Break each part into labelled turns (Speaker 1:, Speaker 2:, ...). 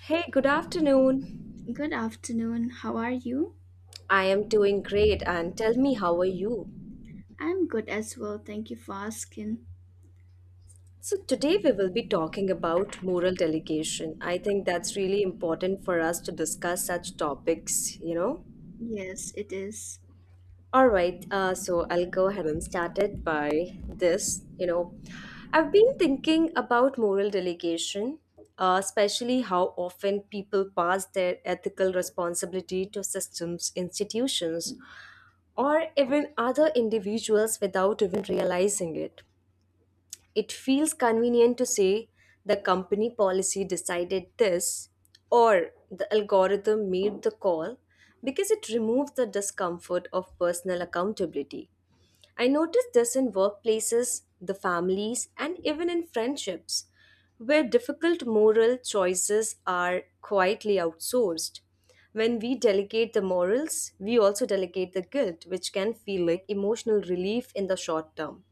Speaker 1: Hey, good afternoon.
Speaker 2: Good afternoon. How are you?
Speaker 1: I am doing great and tell me how are you?
Speaker 2: I'm good as well. Thank you for asking.
Speaker 1: So today we will be talking about moral delegation. I think that's really important for us to discuss such topics,
Speaker 2: Yes, it is.
Speaker 1: All right, so I'll go ahead and start it by this. I've been thinking about moral delegation, especially how often people pass their ethical responsibility to systems, institutions, or even other individuals without even realizing it. It feels convenient to say the company policy decided this or the algorithm made the call because it removes the discomfort of personal accountability. I notice this in workplaces, the families, and even in friendships, where difficult moral choices are quietly outsourced. When we delegate the morals, we also delegate the guilt, which can feel like emotional relief in the short term.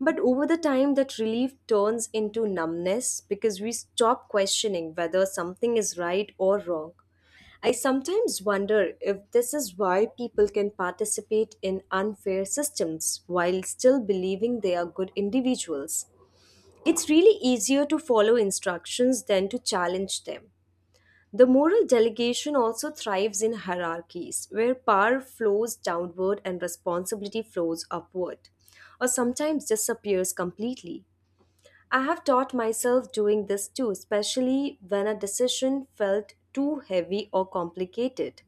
Speaker 1: But over the time, that relief turns into numbness because we stop questioning whether something is right or wrong. I sometimes wonder if this is why people can participate in unfair systems while still believing they are good individuals. It's really easier to follow instructions than to challenge them. The moral delegation also thrives in hierarchies, where power flows downward and responsibility flows upward, or sometimes disappears completely. I have taught myself doing this too, especially when a decision felt too heavy or complicated.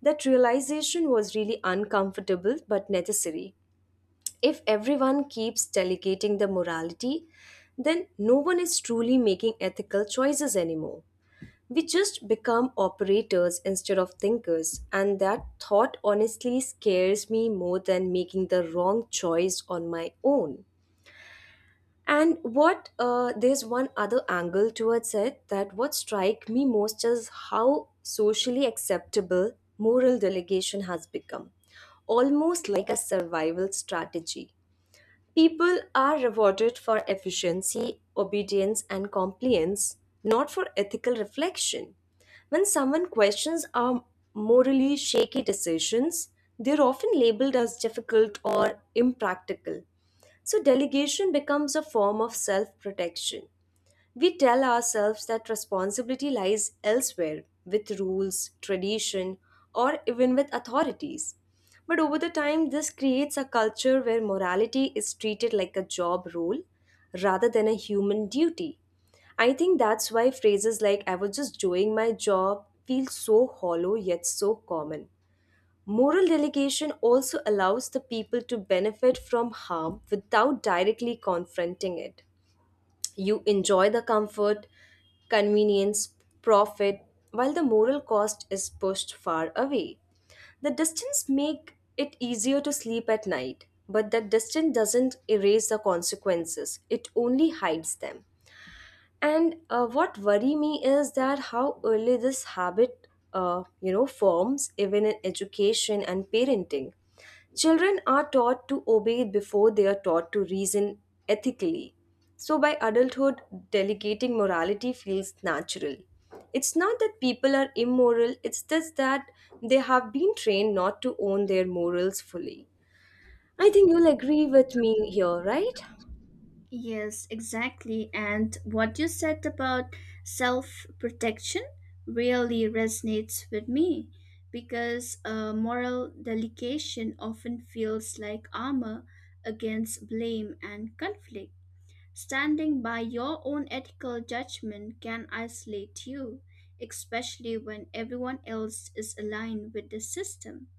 Speaker 1: That realization was really uncomfortable but necessary. If everyone keeps delegating the morality, then no one is truly making ethical choices anymore. We just become operators instead of thinkers, and that thought honestly scares me more than making the wrong choice on my own. And what there's one other angle towards it that what strike me most is how socially acceptable moral delegation has become, almost like a survival strategy. People are rewarded for efficiency, obedience, and compliance, not for ethical reflection. When someone questions our morally shaky decisions, they're often labeled as difficult or impractical. So, delegation becomes a form of self protection. We tell ourselves that responsibility lies elsewhere with rules, tradition, or even with authorities. But over the time, this creates a culture where morality is treated like a job role rather than a human duty. I think that's why phrases like I was just doing my job feel so hollow yet so common. Moral delegation also allows the people to benefit from harm without directly confronting it. You enjoy the comfort, convenience, profit, while the moral cost is pushed far away. The distance make it easier to sleep at night, but that distance doesn't erase the consequences. It only hides them. And what worry me is that how early this habit, forms even in education and parenting. Children are taught to obey before they are taught to reason ethically. So by adulthood, delegating morality feels natural. It's not that people are immoral, it's just that they have been trained not to own their morals fully. I think you'll agree with me here, right?
Speaker 2: Yes, exactly. And what you said about self protection really resonates with me because moral delegation often feels like armor against blame and conflict. Standing by your own ethical judgment can isolate you, especially when everyone else is aligned with the system.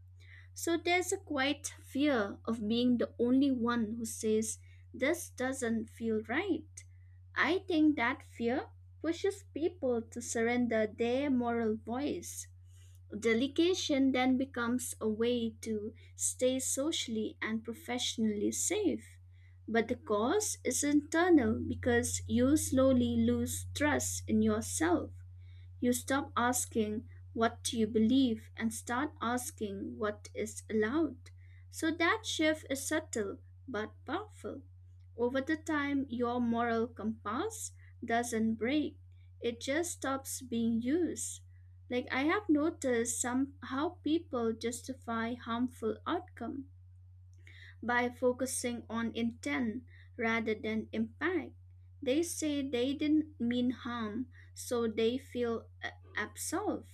Speaker 2: So there's a quiet fear of being the only one who says, This doesn't feel right. I think that fear pushes people to surrender their moral voice. Delegation then becomes a way to stay socially and professionally safe. But the cause is internal because you slowly lose trust in yourself. You stop asking what do you believe and start asking what is allowed. So that shift is subtle but powerful. Over the time, your moral compass doesn't break. It just stops being used. Like I have noticed some how people justify harmful outcome by focusing on intent rather than impact. They say they didn't mean harm, so they feel absolved.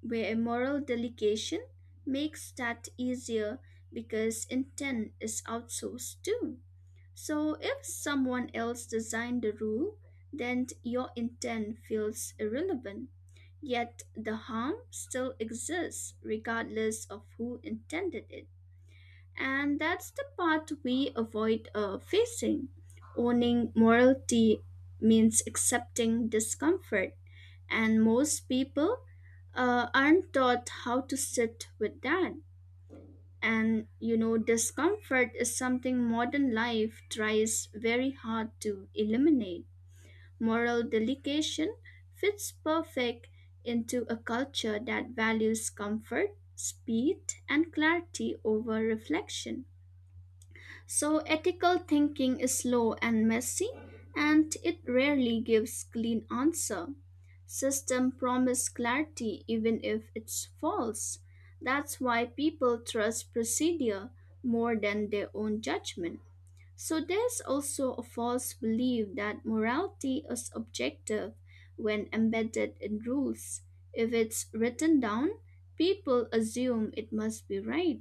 Speaker 2: Where a moral delegation makes that easier because intent is outsourced too. So if someone else designed the rule, then your intent feels irrelevant. Yet the harm still exists regardless of who intended it. And that's the part we avoid facing. Owning morality means accepting discomfort, and most people aren't taught how to sit with that. And you know, discomfort is something modern life tries very hard to eliminate. Moral delegation fits perfect into a culture that values comfort, speed, and clarity over reflection. So, ethical thinking is slow and messy, and it rarely gives clean answer. System promise clarity even if it's false. That's why people trust procedure more than their own judgment. So there's also a false belief that morality is objective when embedded in rules. If it's written down, people assume it must be right.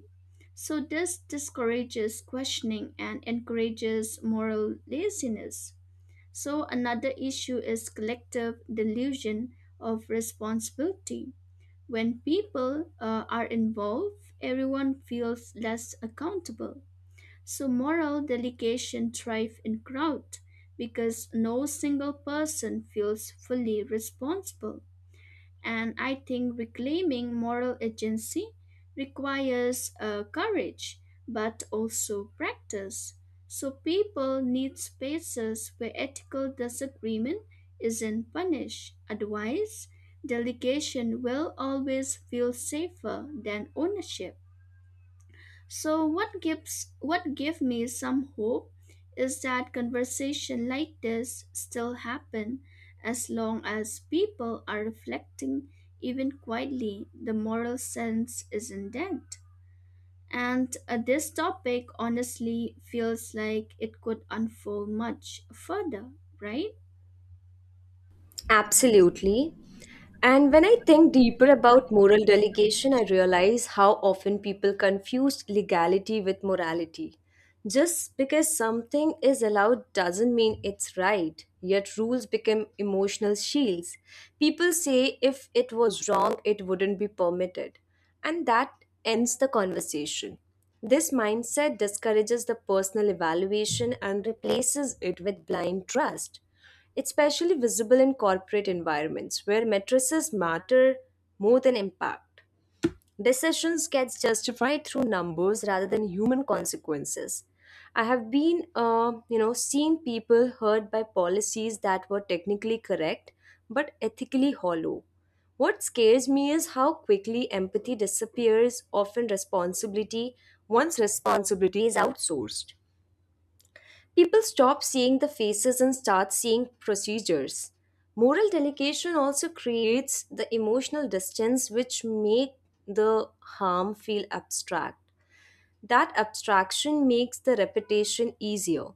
Speaker 2: So this discourages questioning and encourages moral laziness. So another issue is collective delusion of responsibility. When people are involved, everyone feels less accountable so moral delegation thrive in crowd because no single person feels fully responsible. And I think reclaiming moral agency requires courage, but also practice. So people need spaces where ethical disagreement isn't punished. Otherwise, delegation will always feel safer than ownership. So what give me some hope is that conversation like this still happen as long as people are reflecting even quietly the moral sense isn't dead. And this topic honestly feels like it could unfold much further, right?
Speaker 1: Absolutely. And when I think deeper about moral delegation, I realize how often people confuse legality with morality. Just because something is allowed doesn't mean it's right, yet rules become emotional shields. People say if it was wrong, it wouldn't be permitted. And that ends the conversation. This mindset discourages the personal evaluation and replaces it with blind trust. It's especially visible in corporate environments where matrices matter more than impact. Decisions get justified through numbers rather than human consequences. I have been seen people hurt by policies that were technically correct but ethically hollow. What scares me is how quickly empathy disappears, often responsibility, once responsibility is outsourced. People stop seeing the faces and start seeing procedures. Moral delegation also creates the emotional distance which make the harm feel abstract. That abstraction makes the repetition easier.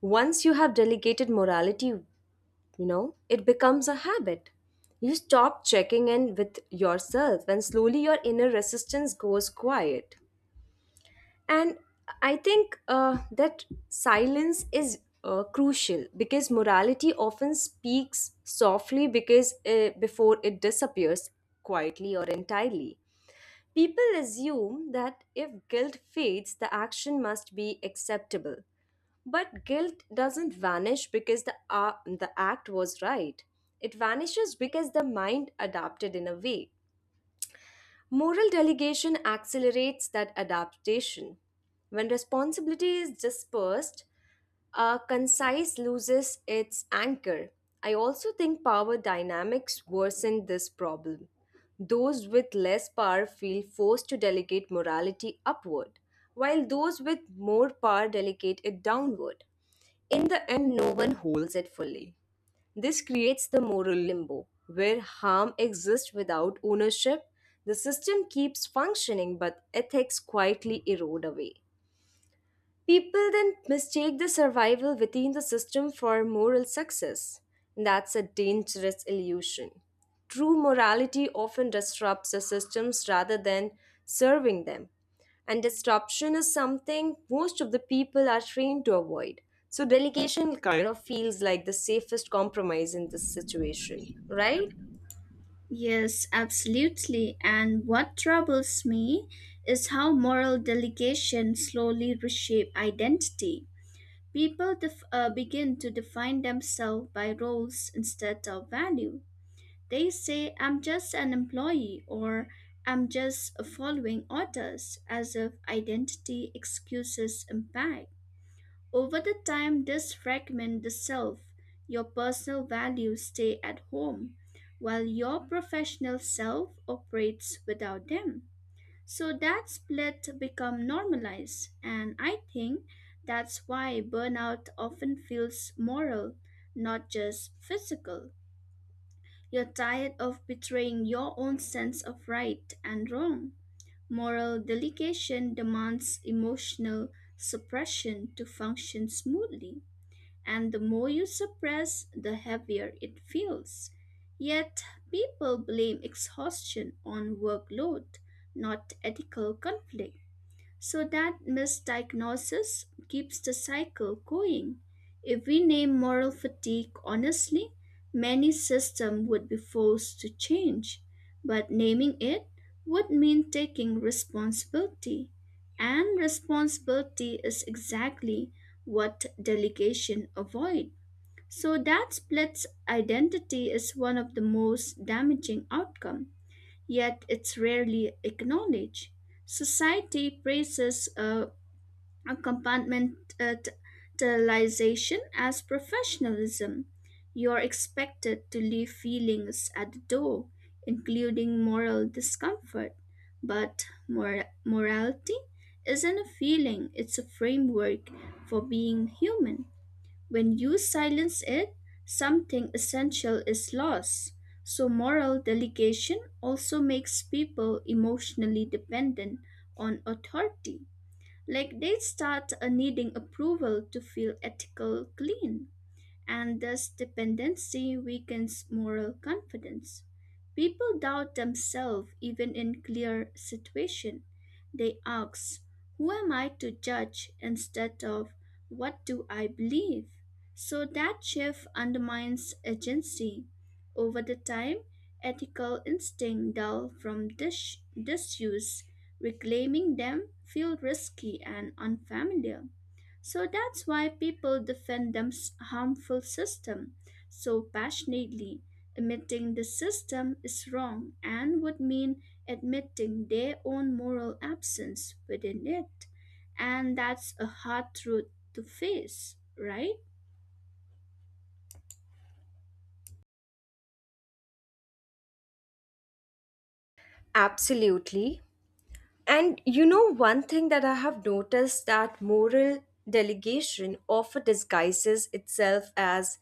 Speaker 1: Once you have delegated morality, it becomes a habit. You stop checking in with yourself and slowly your inner resistance goes quiet. And I think that silence is crucial because morality often speaks softly because before it disappears quietly or entirely. People assume that if guilt fades, the action must be acceptable. But guilt doesn't vanish because the act was right. It vanishes because the mind adapted in a way. Moral delegation accelerates that adaptation. When responsibility is dispersed, a concise loses its anchor. I also think power dynamics worsen this problem. Those with less power feel forced to delegate morality upward, while those with more power delegate it downward. In the end, no one holds it fully. This creates the moral limbo, where harm exists without ownership. The system keeps functioning, but ethics quietly erode away. People then mistake the survival within the system for moral success. That's a dangerous illusion. True morality often disrupts the systems rather than serving them. And disruption is something most of the people are trained to avoid. So, delegation kind of feels like the safest compromise in this situation, right?
Speaker 2: Yes, absolutely. And what troubles me is how moral delegation slowly reshape identity. People begin to define themselves by roles instead of value. They say, I'm just an employee or I'm just following orders, as if identity excuses impact. Over the time, this fragment the self, your personal values stay at home, while your professional self operates without them. So that split become normalized and I think that's why burnout often feels moral, not just physical. You're tired of betraying your own sense of right and wrong. Moral delegation demands emotional suppression to function smoothly, and the more you suppress, the heavier it feels. Yet people blame exhaustion on workload, not ethical conflict. So that misdiagnosis keeps the cycle going. If we name moral fatigue honestly, many systems would be forced to change. But naming it would mean taking responsibility. And responsibility is exactly what delegation avoid. So that splits identity is one of the most damaging outcomes yet it's rarely acknowledged. Society praises compartmentalization as professionalism. You're expected to leave feelings at the door, including moral discomfort. But morality isn't a feeling, it's a framework for being human. When you silence it, something essential is lost. So, moral delegation also makes people emotionally dependent on authority. Like they start needing approval to feel ethical clean and this dependency weakens moral confidence. People doubt themselves even in clear situation. They ask, who am I to judge instead of what do I believe? So that shift undermines agency. Over the time, ethical instinct dull from disuse, reclaiming them feel risky and unfamiliar. So that's why people defend harmful system so passionately. Admitting the system is wrong and would mean admitting their own moral absence within it. And that's a hard truth to face, right?
Speaker 1: Absolutely. And you know, one thing that I have noticed that moral delegation often disguises itself as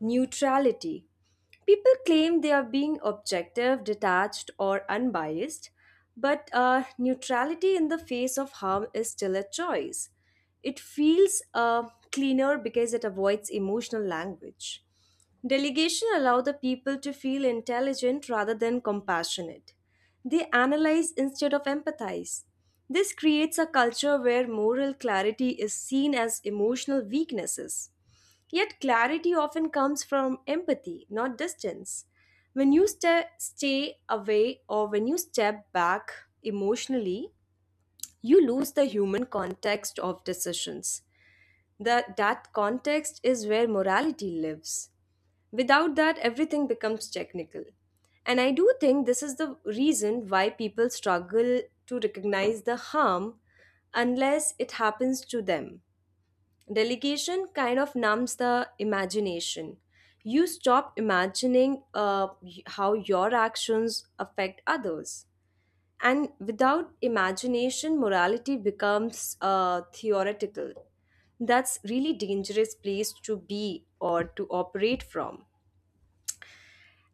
Speaker 1: neutrality. People claim they are being objective, detached, or unbiased, but neutrality in the face of harm is still a choice. It feels cleaner because it avoids emotional language. Delegation allow the people to feel intelligent rather than compassionate. They analyze instead of empathize. This creates a culture where moral clarity is seen as emotional weaknesses. Yet clarity often comes from empathy, not distance. When you stay away or when you step back emotionally, you lose the human context of decisions. That context is where morality lives. Without that, everything becomes technical. And I do think this is the reason why people struggle to recognize the harm unless it happens to them. Delegation kind of numbs the imagination. You stop imagining how your actions affect others. And without imagination, morality becomes theoretical. That's really dangerous place to be or to operate from.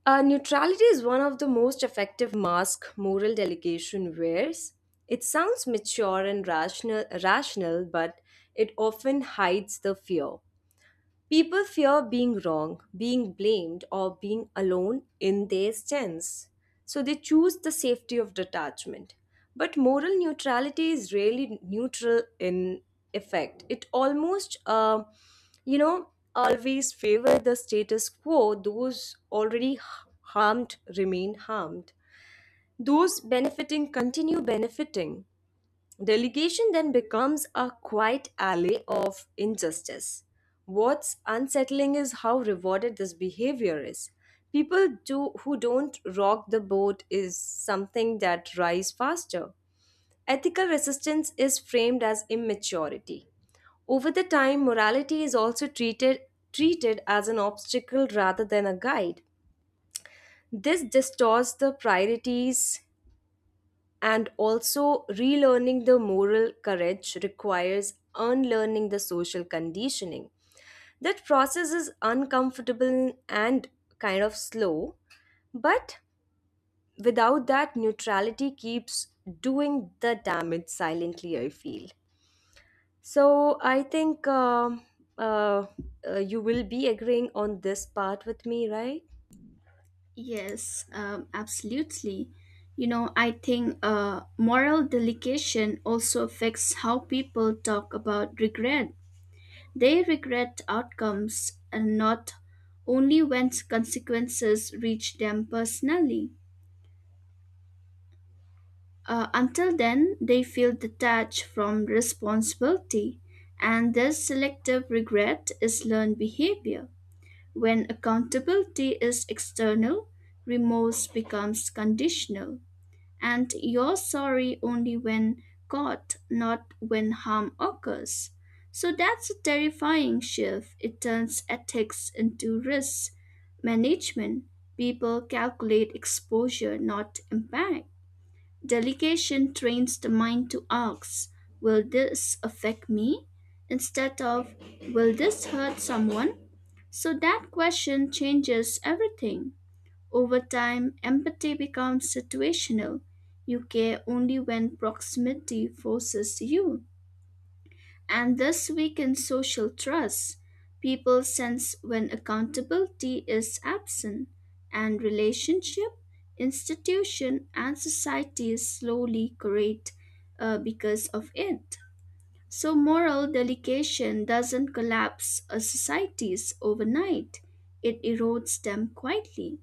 Speaker 1: Neutrality is one of the most effective mask moral delegation wears. It sounds mature and rational, but it often hides the fear. People fear being wrong, being blamed, or being alone in their stance. So they choose the safety of detachment. But moral neutrality is really neutral in effect. It almost, you know, always favor the status quo. Those already h- harmed remain harmed. Those benefiting continue benefiting. Delegation then becomes a quiet ally of injustice. What's unsettling is how rewarded this behavior is. People do, who don't rock the boat is something that rise faster. Ethical resistance is framed as immaturity. Over the time, morality is also treated as an obstacle rather than a guide. This distorts the priorities and also, relearning the moral courage requires unlearning the social conditioning. That process is uncomfortable and kind of slow, but without that, neutrality keeps doing the damage silently, I feel. So, I think uh, you will be agreeing on this part with me, right?
Speaker 2: Yes, absolutely. You know, I think moral delegation also affects how people talk about regret. They regret outcomes and not only when consequences reach them personally. Until then, they feel detached from responsibility, and this selective regret is learned behavior. When accountability is external, remorse becomes conditional. And you're sorry only when caught, not when harm occurs. So that's a terrifying shift. It turns ethics into risk management. People calculate exposure, not impact. Delegation trains the mind to ask, Will this affect me? Instead of Will this hurt someone? So that question changes everything. Over time, empathy becomes situational. You care only when proximity forces you, and this weakens social trust. People sense when accountability is absent, and relationship, institution, and society slowly corrode because of it. So, moral delegation doesn't collapse a societies overnight; it erodes them quietly.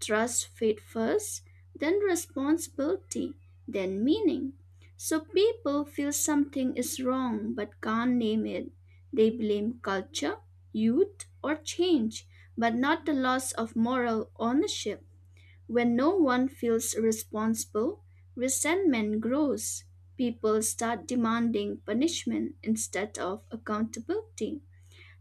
Speaker 2: Trust fit first, then responsibility, then meaning. So people feel something is wrong but can't name it. They blame culture, youth, or change, but not the loss of moral ownership. When no one feels responsible, resentment grows. People start demanding punishment instead of accountability.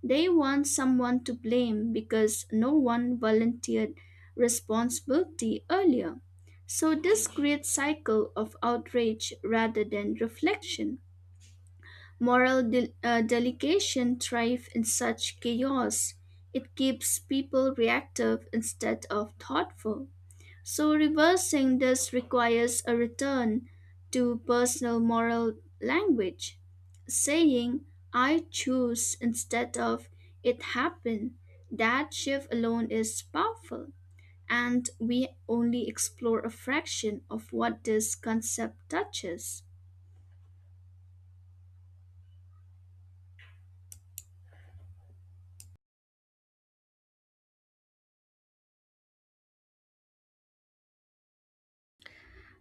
Speaker 2: They want someone to blame because no one volunteered responsibility earlier. So, this creates cycle of outrage rather than reflection. Moral delegation thrive in such chaos. It keeps people reactive instead of thoughtful. So reversing this requires a return to personal moral language, saying I choose instead of it happened. That shift alone is powerful, and we only explore a fraction of what this concept touches.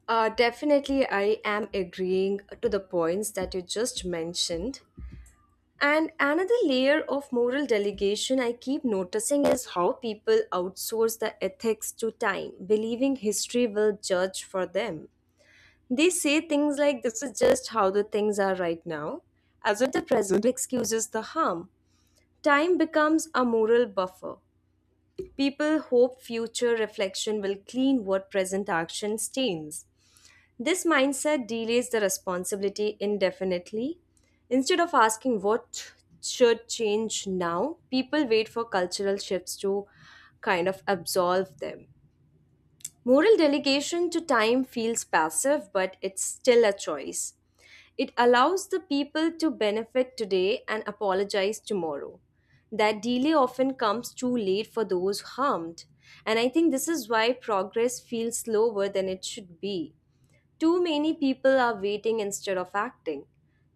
Speaker 1: Definitely, I am agreeing to the points that you just mentioned. And another layer of moral delegation I keep noticing is how people outsource the ethics to time, believing history will judge for them. They say things like, This is just how the things are right now, as if the present excuses the harm. Time becomes a moral buffer. People hope future reflection will clean what present action stains. This mindset delays the responsibility indefinitely. Instead of asking what should change now, people wait for cultural shifts to kind of absolve them. Moral delegation to time feels passive, but it's still a choice. It allows the people to benefit today and apologize tomorrow. That delay often comes too late for those harmed. And I think this is why progress feels slower than it should be. Too many people are waiting instead of acting.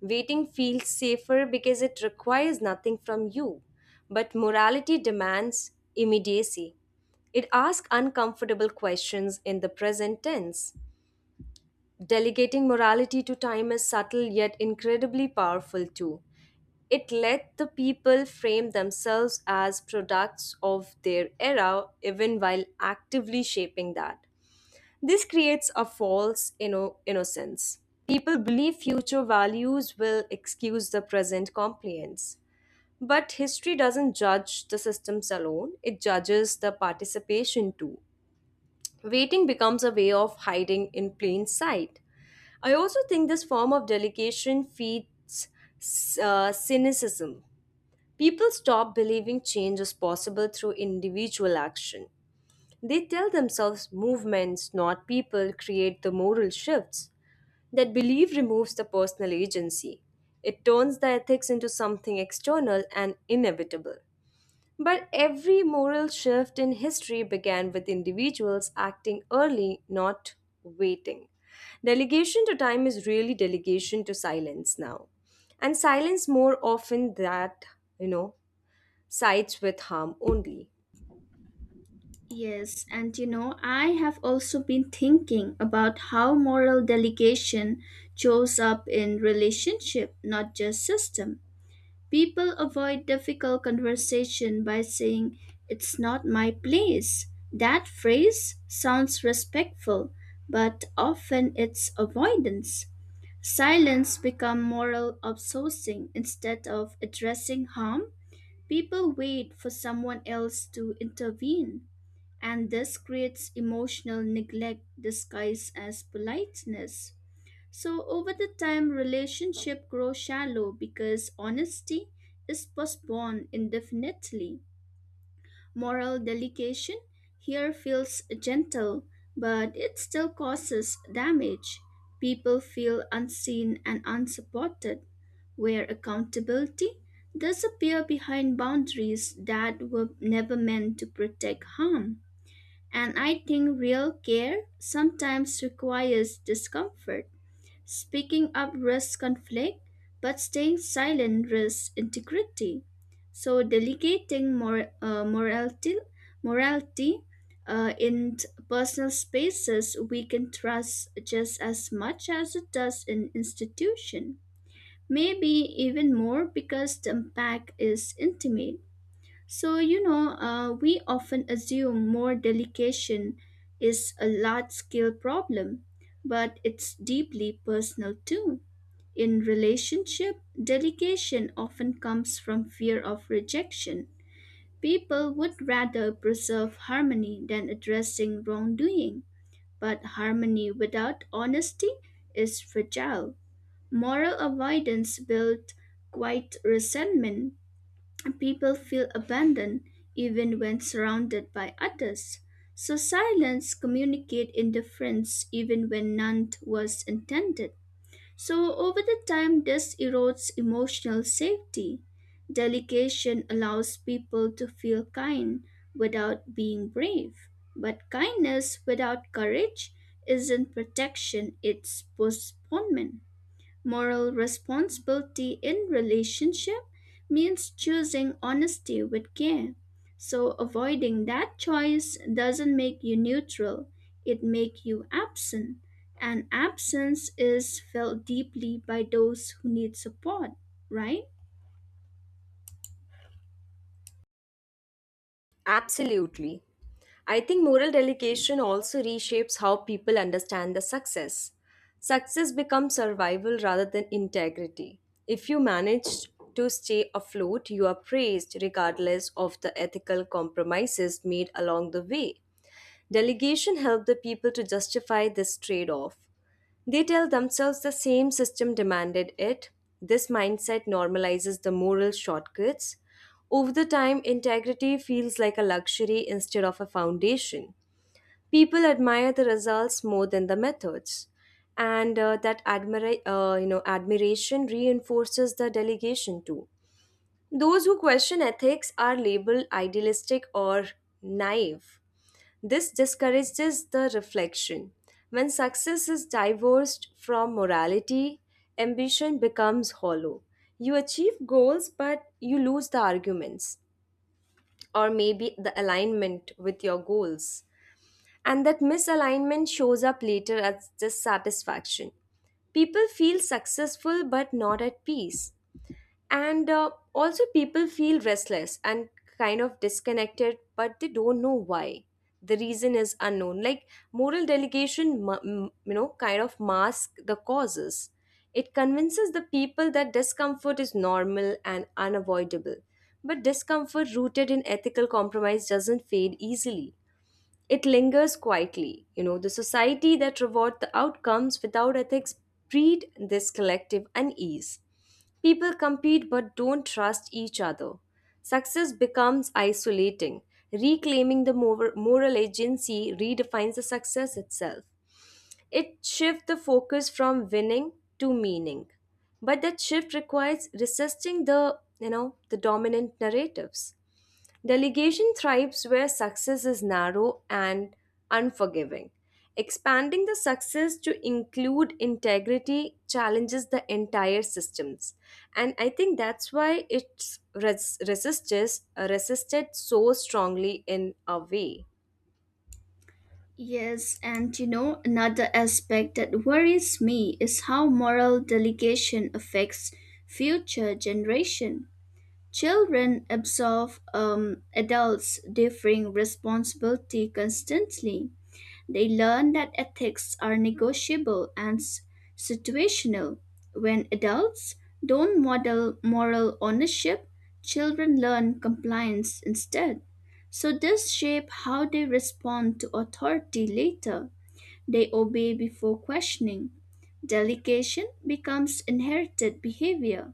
Speaker 1: Waiting feels safer because it requires nothing from you, but morality demands immediacy. It asks uncomfortable questions in the present tense. Delegating morality to time is subtle yet incredibly powerful too. It let the people frame themselves as products of their era even while actively shaping that. This creates a false innocence. People believe future values will excuse the present compliance. But history doesn't judge the systems alone, it judges the participation too. Waiting becomes a way of hiding in plain sight. I also think this form of delegation feeds cynicism. People stop believing change is possible through individual action. They tell themselves movements, not people, create the moral shifts. That belief removes the personal agency. It turns the ethics into something external and inevitable. But every moral shift in history began with individuals acting early, not waiting. Delegation to time is really delegation to silence now. And silence more often that, you know, sides with harm only.
Speaker 2: Yes, and you know, I have also been thinking about how moral delegation shows up in relationship, not just system. People avoid difficult conversation by saying, It's not my place. That phrase sounds respectful, but often it's avoidance. Silence becomes moral outsourcing instead of addressing harm. People wait for someone else to intervene, and this creates emotional neglect disguised as politeness. So over the time, relationship grow shallow because honesty is postponed indefinitely. Moral delegation here feels gentle, but it still causes damage. People feel unseen and unsupported, where accountability does appear behind boundaries that were never meant to protect harm. And I think real care sometimes requires discomfort. Speaking up risks conflict, but staying silent risks integrity. So delegating morality in personal spaces we can trust just as much as it does in institution. Maybe even more because the impact is intimate. So you know, we often assume more delegation is a large-scale problem, but it's deeply personal too. In relationship, dedication often comes from fear of rejection. People would rather preserve harmony than addressing wrongdoing, but harmony without honesty is fragile. Moral avoidance builds quite resentment. People feel abandoned even when surrounded by others. So silence communicate indifference even when none was intended. So, over the time, this erodes emotional safety. Delegation allows people to feel kind without being brave. But kindness without courage isn't protection, it's postponement. Moral responsibility in relationship means choosing honesty with care. So avoiding that choice doesn't make you neutral, it makes you absent. And absence is felt deeply by those who need support, right?
Speaker 1: Absolutely. I think moral delegation also reshapes how people understand the success. Success becomes survival rather than integrity. If you manage to stay afloat, you are praised regardless of the ethical compromises made along the way. Delegation helped the people to justify this trade off. They tell themselves the same system demanded it. This mindset normalizes the moral shortcuts. Over the time, integrity feels like a luxury instead of a foundation. People admire the results more than the methods, and that admiration reinforces the delegation too. Those who question ethics are labeled idealistic or naive. This discourages the reflection. When success is divorced from morality, ambition becomes hollow. You achieve goals, but you lose the arguments or maybe the alignment with your goals. And that misalignment shows up later as dissatisfaction. People feel successful but not at peace and also people feel restless and kind of disconnected but they don't know why the reason is unknown like moral delegation kind of mask the causes. It convinces the people that discomfort is normal and unavoidable but discomfort rooted in ethical compromise doesn't fade easily. It lingers quietly. You know, the society that rewards the outcomes without ethics breed this collective unease. People compete but don't trust each other. Success becomes isolating. Reclaiming the moral agency redefines the success itself. It shifts the focus from winning to meaning. But that shift requires resisting the dominant narratives. Delegation thrives where success is narrow and unforgiving. Expanding the success to include integrity challenges the entire systems. And I think that's why it's resisted so strongly in a way.
Speaker 2: Yes, and you know, another aspect that worries me is how moral delegation affects future generation. Children absorb adults' differing responsibility constantly. They learn that ethics are negotiable and situational. When adults don't model moral ownership, children learn compliance instead. So this shape how they respond to authority later. They obey before questioning. Delegation becomes inherited behavior.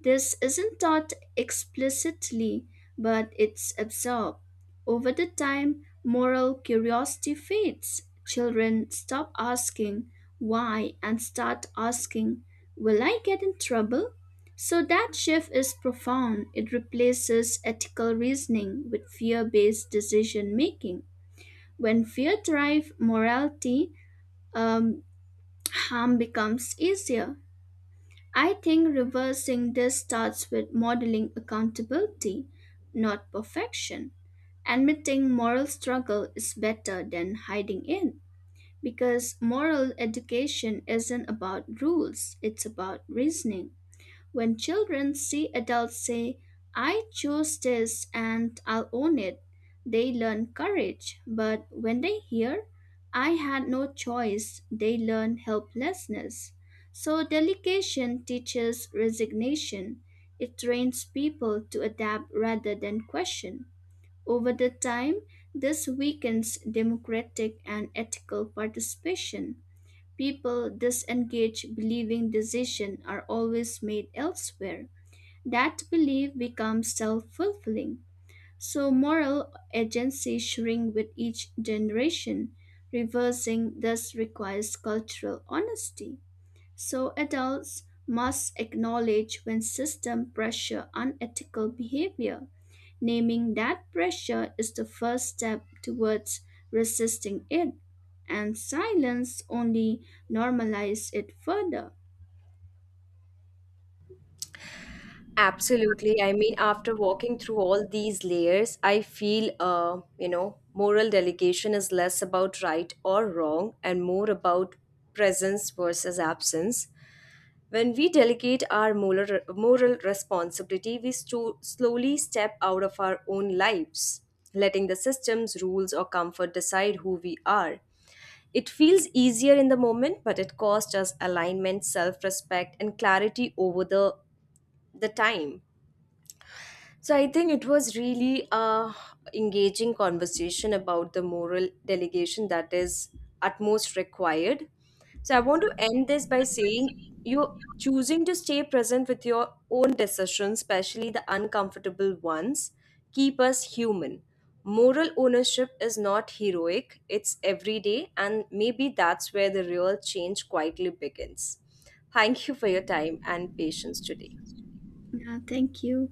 Speaker 2: This isn't taught explicitly, but it's absorbed. Over the time, moral curiosity fades. Children stop asking why and start asking, Will I get in trouble? So that shift is profound. It replaces ethical reasoning with fear based decision making. When fear drives morality, um, harm becomes easier. I think reversing this starts with modeling accountability, not perfection. Admitting moral struggle is better than hiding it because moral education isn't about rules, it's about reasoning. When children see adults say, I chose this and I'll own it, they learn courage. But when they hear, I had no choice, they learn helplessness. So, delegation teaches resignation. It trains people to adapt rather than question. Over the time, this weakens democratic and ethical participation. People disengage believing decisions are always made elsewhere. That belief becomes self fulfilling. So moral agency shrinks with each generation. Reversing thus requires cultural honesty. So adults must acknowledge when system pressure unethical behavior. Naming that pressure is the first step towards resisting it, and silence only normalizes it further.
Speaker 1: Absolutely. I mean, after walking through all these layers, I feel, moral delegation is less about right or wrong and more about presence versus absence. When we delegate our moral responsibility, we slowly step out of our own lives, letting the systems, rules, or comfort decide who we are. It feels easier in the moment, but it costs us alignment, self respect, and clarity over the time. So I think it was really a engaging conversation about the moral delegation that is at most required. So I want to end this by saying you choosing to stay present with your own decisions, especially the uncomfortable ones, keep us human. Moral ownership is not heroic, it's everyday, and maybe that's where the real change quietly begins. Thank you for your time and patience today.
Speaker 2: Yeah, thank you.